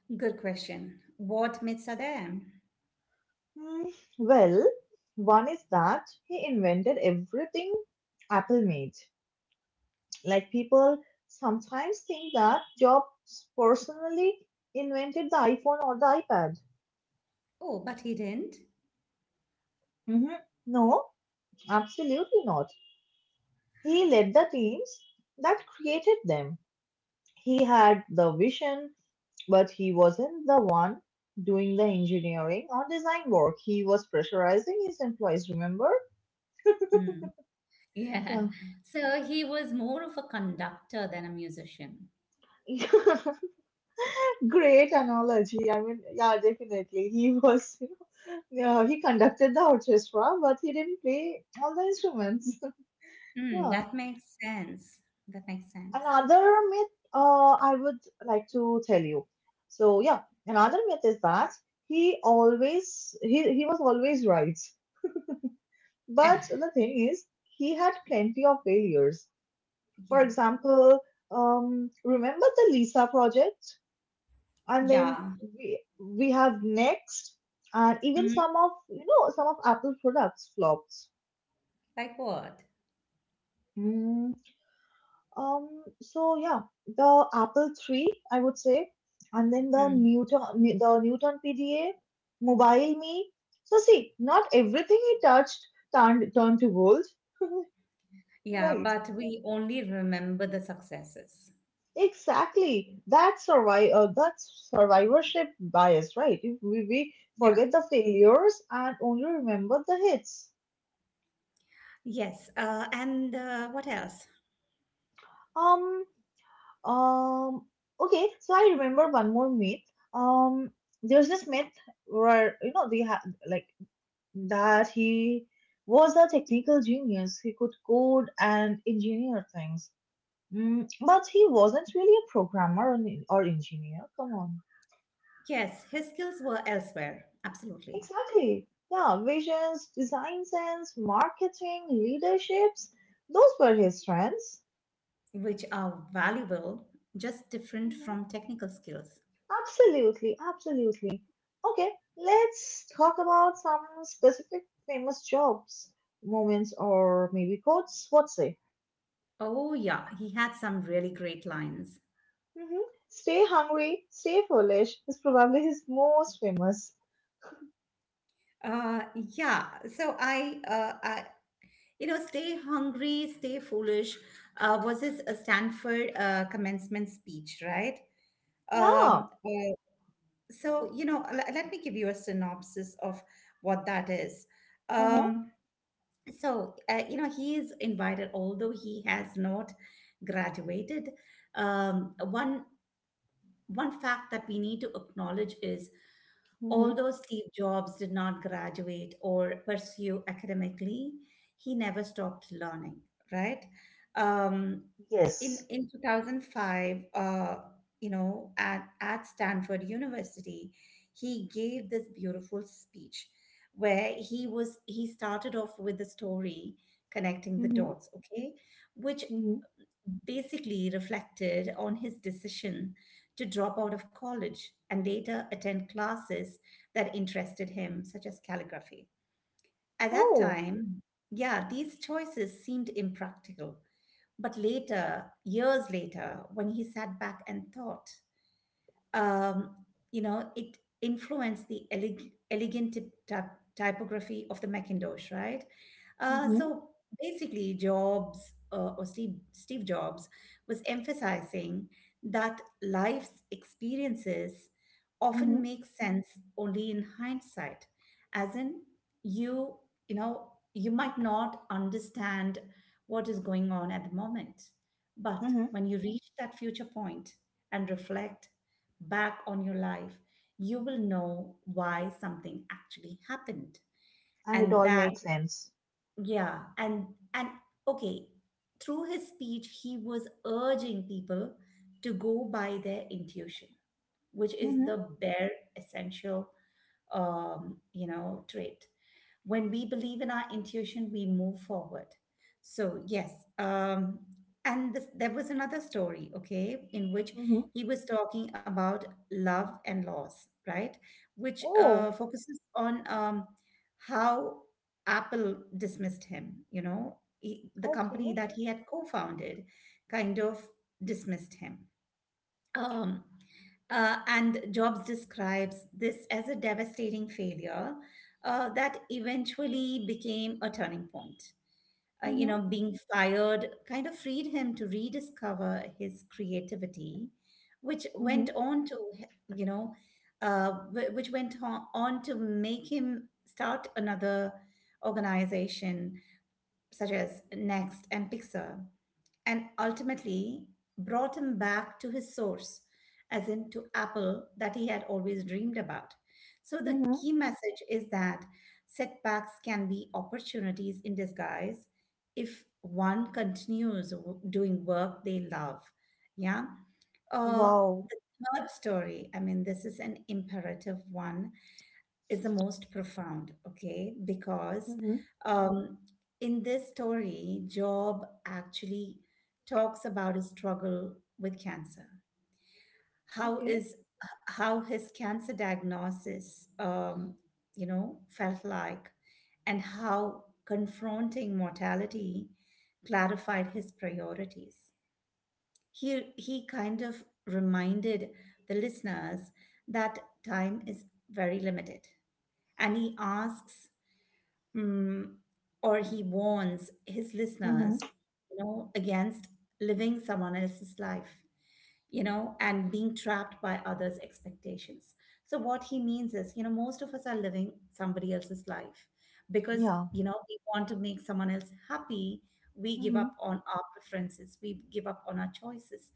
Good question. What myths are there?
Mm, well, one is that he invented everything Apple made. Like people sometimes think that Jobs personally invented the iPhone or the iPad.
Oh, but he didn't.
Hmm. No, absolutely not. He led the teams that created them. He had the vision, but he wasn't the one doing the engineering or design work. He was pressurizing his employees, remember?
Hmm. Yeah.
Yeah.
So he was more of a conductor than a musician.
Great analogy. I mean, yeah, definitely. He was, yeah, he conducted the orchestra, but he didn't play all the instruments.
Hmm,
Yeah.
that makes sense. That makes sense.
Another myth uh, I would like to tell you. So, yeah, another myth is that he always, he, he was always right. But the thing is, he had plenty of failures. For
Yeah.
example, um, remember the Lisa project, and then
Yeah.
we we have Next, and even
Mhm.
some of you know some of Apple products flops.
Like what?
Mm, um, so yeah, the Apple three, I would say, and then the
Mm.
Newton the Newton P D A, Mobile Me. So see, not everything he touched turned turned to gold,
Yeah,
right?
but we only remember the successes.
Exactly. That's survive uh, that's survivorship bias, right? If we, we
Yeah.
forget the failures and only remember the hits.
Yes. Uh, and uh, what else?
Um um okay, so I remember one more myth. Um there's this myth where you know they had like that He was a technical genius. He could code and engineer things. Mm, but he wasn't really a programmer or, an- or engineer. Come on.
Yes, his skills were elsewhere, absolutely,
Exactly. Yeah, visions, design sense, marketing, leaderships, those were his strengths.
which are valuable, just different from
Hmm,
technical skills.
absolutely, absolutely. Okay, let's talk about some specific famous jobs, moments, or maybe quotes. What say?
Oh, yeah, he had some really great lines.
Hmm. Stay hungry, stay foolish is probably his most famous.
Uh, yeah, so I, uh, I, you know, stay hungry, stay foolish, uh, was his uh, Stanford uh, commencement speech, right?
Yeah.
Um, uh, so, you know, l- let me give you a synopsis of what that is.
Mm-hmm.
Um. So uh, you know he is invited although he has not graduated. Um, one one fact that we need to acknowledge is
Mm-hmm.
although Steve Jobs did not graduate or pursue academically, he never stopped learning, right? Um, in,
Yes.
in twenty oh five, uh, you know, at, at Stanford University, he gave this beautiful speech where he was he started off with the story connecting the
Mm-hmm.
dots, okay, which
Mm-hmm.
basically reflected on his decision to drop out of college and later attend classes that interested him, such as calligraphy. At that
Oh.
time, yeah, these choices seemed impractical. But later, years later, when he sat back and thought, um, you know, it influenced the eleg- elegant typ- typ- typography of the Macintosh, right? Uh,
Mm-hmm.
so Basically, Jobs uh, or Steve, Steve Jobs was emphasizing that life's experiences
Mm-hmm.
often make sense only in hindsight, as in you, you know, you might not understand what is going on at the moment, but
Mm-hmm.
when you reach that future point and reflect back on your life, you will know why something actually happened.
And it
And
all
that,
makes sense.
yeah, and and okay, through his speech, he was urging people to go by their intuition, which is the bare essential um, you know trait. When we believe in our intuition we move forward. So yes um, and this, there was another story okay in which
Mhm.
he was talking about love and loss right which uh,
Oh,
focuses on um, how apple dismissed him. You know he, the company
okay.
that he had co-founded kind of dismissed him, um, uh, and Jobs describes this as a devastating failure uh, that eventually became a turning point. Uh, you
Mhm.
know, being fired kind of freed him to rediscover his creativity, which went
Mhm.
on to, you know, uh, wh- which went on on to make him start another organization such as Next and Pixar and ultimately brought him back to his source, as in to Apple that he had always dreamed about. So, the
Mhm.
key message is that setbacks can be opportunities in disguise if one continues w- doing work they love. Yeah. Uh,
Wow.
the third story, I mean, this is an imperative one is the most profound, okay? Because
Mhm.
um, in this story, Job actually talks about his struggle with cancer. How
Okay.
is how his cancer diagnosis, um, you know, felt like, and how confronting mortality clarified his priorities. He he kind of reminded the listeners that time is very limited and he asks mm, or he warns his
Mhm.
listeners, you know, against living someone else's life, you know, and being trapped by others' expectations. So, what he means is, you know, most of us are living somebody else's life because,
Yeah.
you know, we want to make someone else happy. We give up
Mhm.
on our preferences, we give up on our choices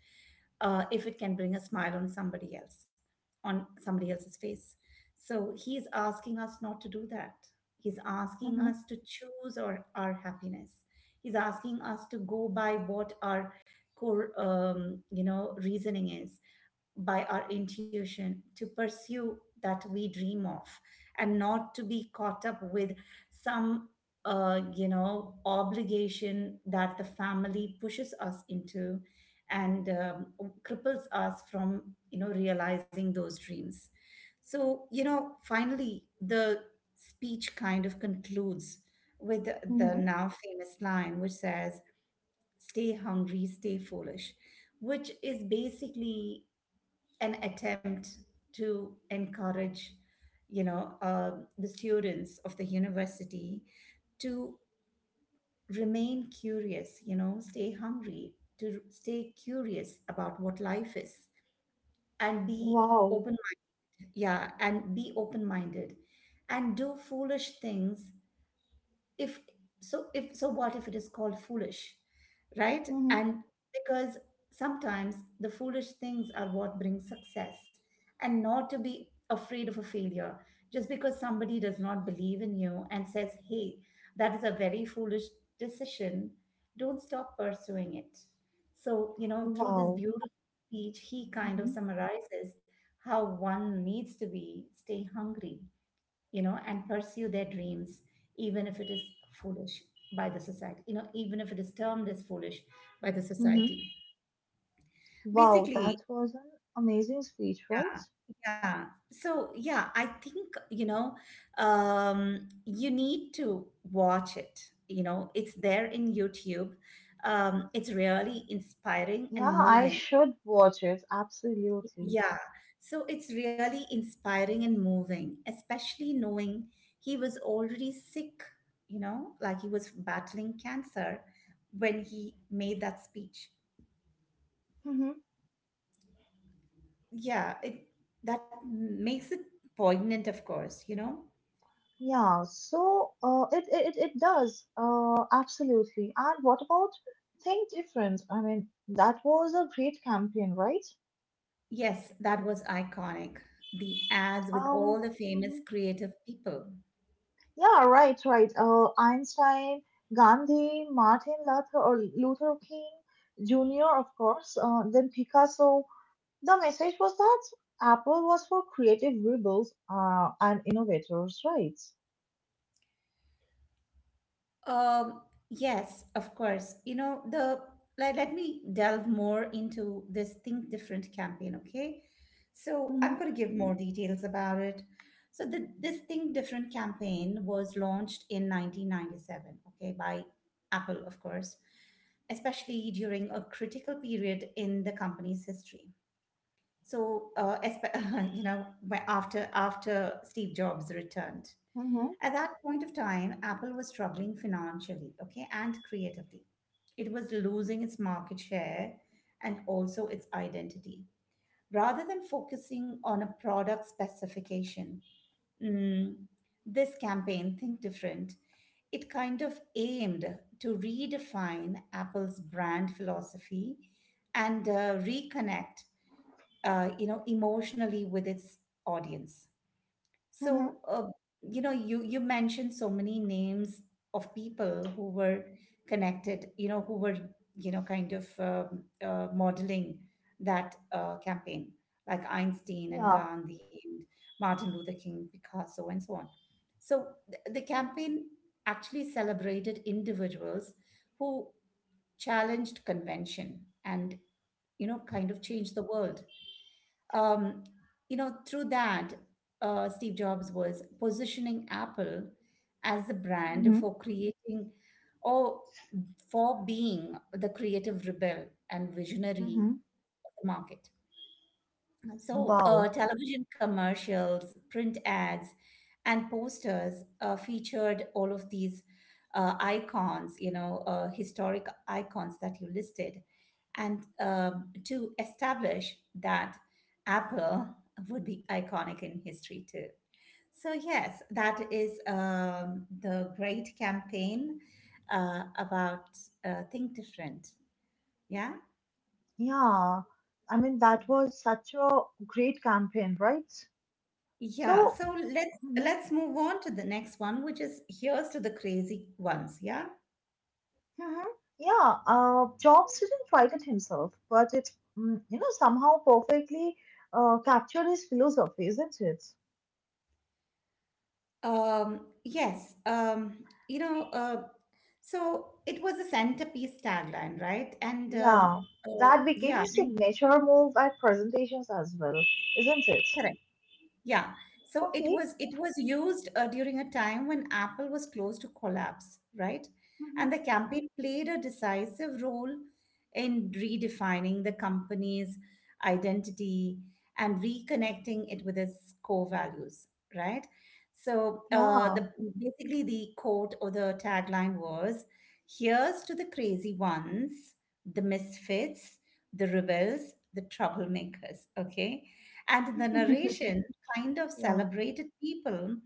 uh, if it can bring a smile on somebody else, on somebody else's face. So, he is asking us not to do that. He's asking
Mhm.
us to choose our, our happiness. He's asking us to go by what our core, um, you know, reasoning is, by our intuition to pursue that we dream of and not to be caught up with some uh, you know obligation that the family pushes us into and um, cripples us from you know realizing those dreams. So you know finally the speech kind of concludes with the, the
Mhm.
now famous line which says stay hungry stay foolish, which is basically an attempt to encourage you know um the students of the university to remain curious, you know, stay hungry, to stay curious about what life is and be
Wow.
open, yeah, and be open minded and do foolish things. if so if so what if it is called foolish, right?
Mhm.
And because sometimes the foolish things are what brings success, and not to be afraid of a failure just because somebody does not believe in you and says hey that is a very foolish decision, don't stop pursuing it. So you know through this
Wow.
beautiful speech he kind of
Mhm.
summarizes how one needs to be stay hungry, you know, and pursue their dreams, even if it is foolish by the society, you know, even if it is termed as foolish by the
Mhm.
society.
Wow,
Basically,
that was an amazing speech, right?
yeah, yeah. So, yeah, I think, you know, um, you need to watch it. You know, it's there in YouTube. Um, it's really inspiring
Yeah,
and
I
moving.
should watch it. Absolutely.
Yeah, so it's really inspiring and moving, especially knowing he was already sick, you know, like he was battling cancer when he made that speech.
Mhm.
Yeah, it that makes it poignant, of course, you know.
Yeah. So, uh, it it it it does. Uh, absolutely. And what about Think Different? I mean, that was a great campaign, right?
Yes, that was iconic. The ads with all
Um.
the famous
Mhm.
creative people.
Yeah, right, right. Uh, Einstein, Gandhi, Martin Luther or Luther King Junior, of course, uh, then Picasso. The message was that Apple was for creative rebels uh, and innovators, right?
Um, yes, of course. You know, the let, let me delve more into this Think Different campaign, okay? So I'm
Mm-hmm,
going to give more details about it. So the, this Think Different campaign was launched in nineteen ninety-seven, okay, by Apple, of course, especially during a critical period in the company's history. So, uh, espe- you know, by after after Steve Jobs returned.
mm-hmm,
At that point of time, Apple was struggling financially, okay, and creatively. It was losing its market share and also its identity. Rather than focusing on a product specification, mm, this campaign, Think Different, it kind of aimed to redefine Apple's brand philosophy and uh, reconnect, uh, you know, emotionally with its audience. So,
mm-hmm.
uh, you know, you you mentioned so many names of people who were connected, you know, who were, you know, kind of um, uh, modeling that uh, campaign, like Einstein and
Yeah.
Gandhi and Martin Luther King, Picasso, and so on. So th- the campaign actually celebrated individuals who challenged convention and, you know, kind of changed the world. Um, you know, through that, uh, Steve Jobs was positioning Apple as the brand
Mm-hmm,
for creating or for being the creative rebel and visionary
mm-hmm.
of the market. So, uh,
Wow.
television commercials, print ads, and posters uh, featured all of these uh, icons, you know, uh, historic icons that you listed. And um, to establish that Apple would be iconic in history too. So, yes, that is um, the great campaign uh, about uh, Think Different. Yeah.
Yeah. I mean, that was such a great campaign, right? So,
Yeah, so let's
mm-hmm.
let's move on to the next one, which is here's to the crazy ones, yeah?
Mhm. Yeah, uh, Jobs didn't write it himself, but it, mm, you know, somehow perfectly uh, captured his philosophy, isn't it?
Um, yes, um, you know, uh, so it was a centerpiece tagline, right? And um,
Yeah,
uh,
that became
yeah,
his signature move at presentations as well, isn't it?
correct. Yeah. So it
Okay.
was it was used uh, during a time when Apple was close to collapse, right?
Mm-hmm.
And the campaign played a decisive role in redefining the company's identity and reconnecting it with its core values, right? So uh,
Yeah,
the basically the quote or the tagline was, "Here's to the crazy ones, the misfits, the rebels, the troublemakers." Okay. And in the narration, kind of
yeah.
celebrated people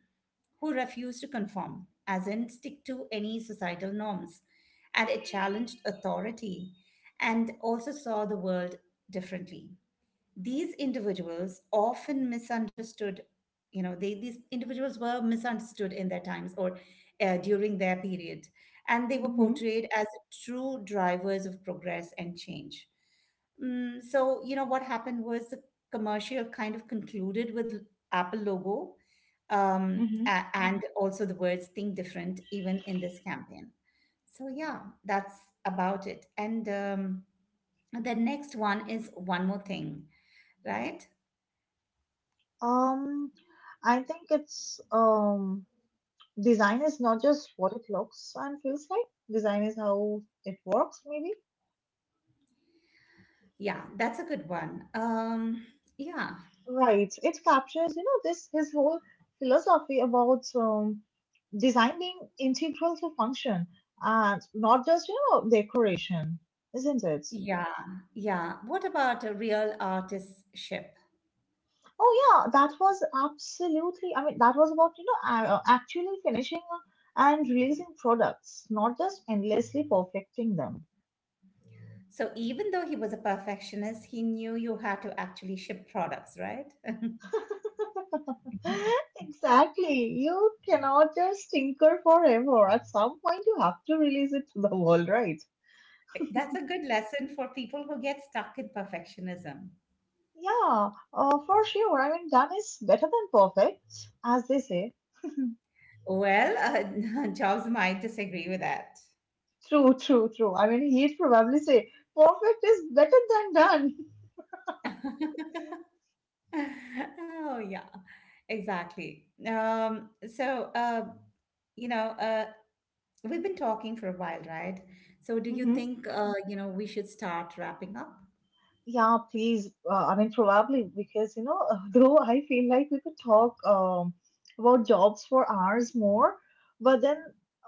who refuse to conform, as in stick to any societal norms. And it challenged authority and also saw the world differently. These individuals often misunderstood, you know, they these individuals were misunderstood in their times or uh, during their period, and they were
Mm-hmm.
portrayed as true drivers of progress and change. Mm, so you know what happened was the commercial kind of concluded with Apple logo, um,
Hmm.
a- and also the words Think Different, even in this campaign. So yeah, that's about it. And um, the next one is one more thing, right?
Um, I think it's um, design is not just what it looks and feels like. Design is how it works, maybe.
Yeah, that's a good one. Um, yeah,
Right. It captures, you know, this his whole philosophy about um, design being integral to function and not just, you know, decoration, isn't it?
yeah, yeah. What about a real artistship?
Oh yeah, that was absolutely. I mean, that was about, you know, a- uh, actually finishing and releasing products, not just endlessly perfecting them.
So even though he was a perfectionist, he knew you had to actually ship products, right?
Exactly. You cannot just tinker forever. At some point, you have to release it to the world, right?
That's a good lesson for people who get stuck in perfectionism.
Yeah, uh, for sure. I mean, done is better than perfect, as they say.
Well, uh, Jobs might disagree with that.
True, true, true. I mean, he'd probably say perfect is better than done.
Oh, yeah, exactly. Um, so, uh, you know, uh, We've been talking for a while, right? So do you
Hmm.
think uh, you know we should start wrapping up?
Yeah, please. Uh, I mean, probably because you know, though I feel like we could talk um, about jobs for hours more, but then,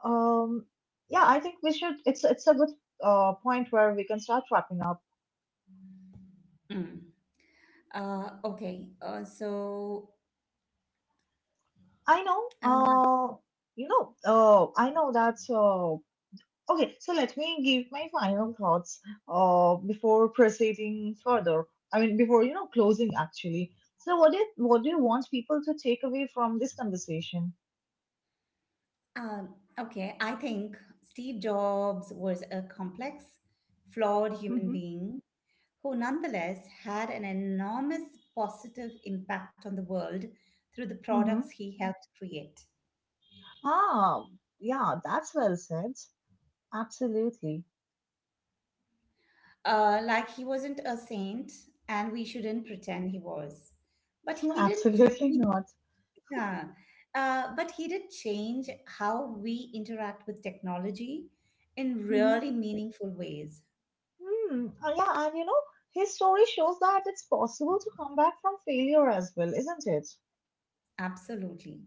um, yeah, I think we should. It's it's a good uh, point where we can start wrapping up.
Mm. Uh, okay. Uh, so
I know.
um,
Uh, you know. Uh, I know that. Uh, Okay, so let me give my final thoughts uh, before proceeding further. I mean, before you know closing actually. So, what did what do you want people to take away from this conversation?
um, okay, I think Steve Jobs was a complex, flawed human
Mm-hmm.
being who nonetheless had an enormous positive impact on the world through the
Mm-hmm.
products he helped create.
Ah, yeah, that's well said. Absolutely,
Uh, like he wasn't a saint, and we shouldn't pretend he was. But he didn't.
absolutely
He,
not.
yeah, uh, but he did change how we interact with technology in
Hmm.
really meaningful ways.
Hmm. Uh, yeah, and you know, his story shows that it's possible to come back from failure as well, isn't it?
Absolutely.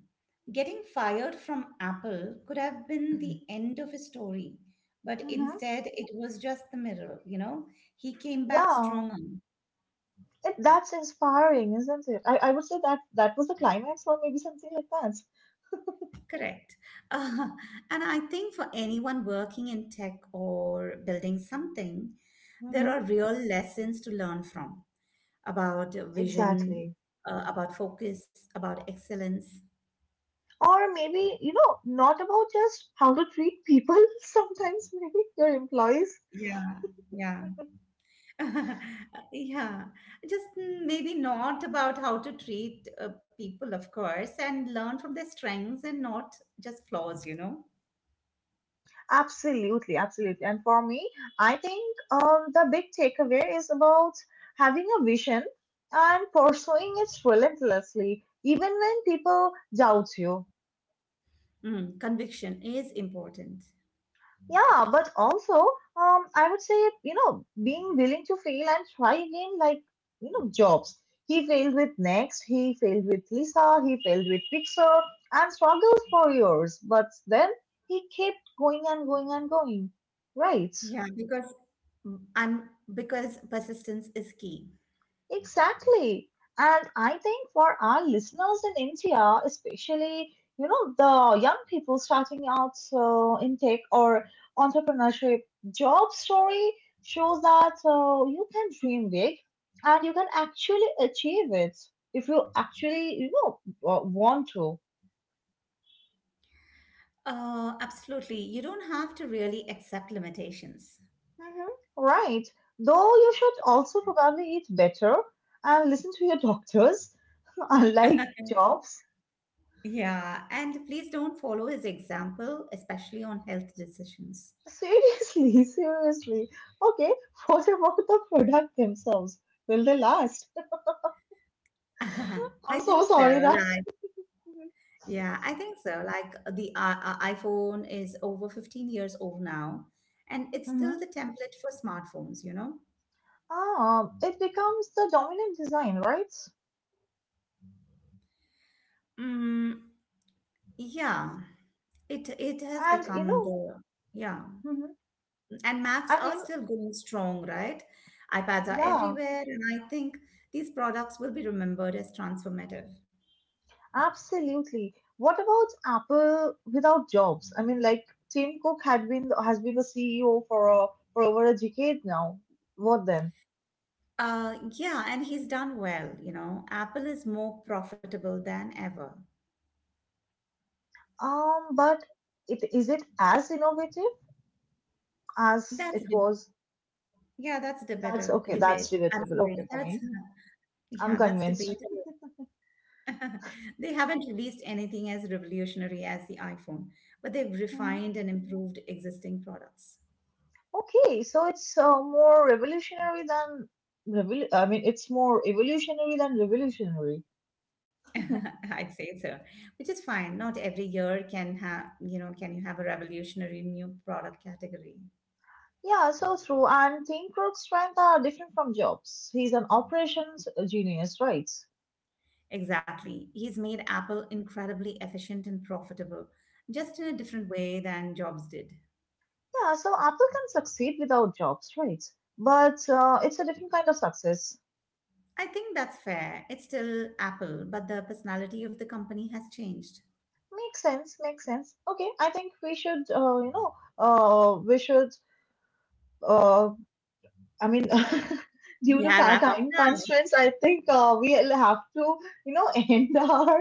Getting fired from Apple could have been the end of his story, but
Mm-hmm.
instead it was just the mirror, you know? He came back
Yeah,
stronger.
it, that's inspiring, isn't it? I, I would say that that was the climax, or maybe something like that.
Correct. Uh, and I think for anyone working in tech or building something, there are
Hmm.
real lessons to learn from about vision,
Exactly.
uh, about focus, about excellence.
Or maybe, you know, not about just how to treat people, sometimes maybe your employees.
Yeah, yeah. Yeah, just mm, maybe not about how to treat uh, people, of course, and learn from their strengths and not just flaws, you know.
Absolutely, absolutely. And for me, I think um, the big takeaway is about having a vision and pursuing it relentlessly, even when people doubt you.
Mm, conviction is important.
Yeah, but also, um, I would say, you know, being willing to fail and try again, like, you know, Jobs. He failed with Next, he failed with Lisa, he failed with Pixar, and struggled for years. But then he kept going and going and going. Right?
Yeah, because mm, I'm because persistence is key.
Exactly. And I think for our listeners in India, especially, you know, the young people starting out uh, in tech or entrepreneurship, job story shows that uh, you can dream big and you can actually achieve it if you actually, you know, wa- want to.
Uh, absolutely. You don't have to really accept limitations.
Hmm. Right. Though you should also probably eat better and listen to your doctors, unlike jobs.
Yeah, and please don't follow his example, especially on health decisions.
Seriously, seriously. Okay, what about the product themselves? Will they last?
I
I'm so
think
sorry
so.
that.
like, Yeah, I think so. Like uh, the uh, uh, iPhone is over fifteen years old now, and it's still the
Mhm.
template for smartphones, you know?
Ah, it becomes the dominant design, right?
Mm, yeah, it it has
And you
become
know,
the Yeah,
mhm,
and Macs
and you
are
know,
still going strong, right? iPads are
yeah,
everywhere, and I think these products will be remembered as transformative.
absolutely. What about Apple without jobs? I mean, like Tim Cook had been has been the C E O for a, for over a decade now. What then?
Uh, yeah, and he's done well, you know. Apple is more profitable than ever.
Um, but it is it as innovative as it
That's a deb-
was?
yeah, that's a
That's
debatable
okay. That's
debate. I'm
relatable. Okay,
sorry.
fine.
That's
I'm
yeah, that's
convinced.
debatable. They haven't released anything as revolutionary as the iPhone, but they've
Hmm.
refined and improved existing products.
Okay, so it's uh, more revolutionary than revol- I mean, it's more evolutionary than revolutionary.
I'd say so, which is fine. Not every year can have, you know, can you have a revolutionary new product category.
Yeah, so true. And Tim Cook's strengths are different from Jobs. He's an operations genius, right?
Exactly. He's made Apple incredibly efficient and profitable, just in a different way than Jobs did.
Yeah, so Apple can succeed without Jobs, right? But uh, it's a different kind of success.
I think that's fair. It's still Apple, but the personality of the company has changed.
Makes sense. Makes sense. Okay, I think we should, uh, you know, uh, we should uh, I mean, due to
Yeah,
our
wrap up.
time constraints, I think uh, we'll have to, you know, end our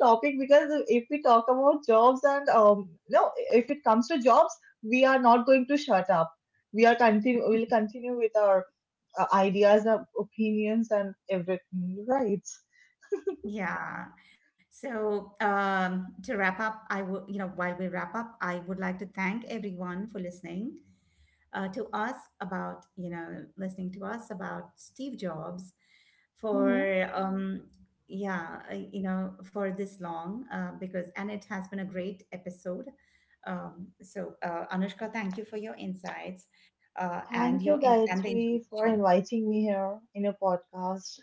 topic because if we talk about jobs and um, no, if it comes to jobs, we are not going to shut up. We are continue. We'll continue with our uh, ideas, and opinions, and everything. Right.
Yeah. So um, to wrap up, I will, you know, while we wrap up, I would like to thank everyone for listening uh, to us about, you know, listening to us about Steve Jobs
Mm-hmm.
for, um, yeah, uh, you know, for this long uh, because, and it has been a great episode. Um, so uh, Anushka, thank you for your insights uh, and
Thank you,
your in- and the
Gayatri, for
information.
inviting me here in your podcast.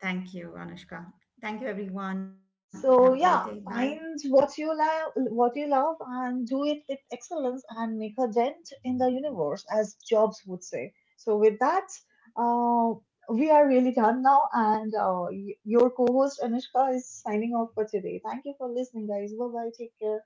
Thank you, Anushka. Thank you, everyone. Have a great day.
So
Bye.
yeah, find what you love, what you love, and do it with excellence, and make a dent in the universe, as Jobs would say. So with that, uh, we are really done now, and uh, y- your co-host Anushka is signing off for today. Thank you for listening, guys. Bye bye. Take care.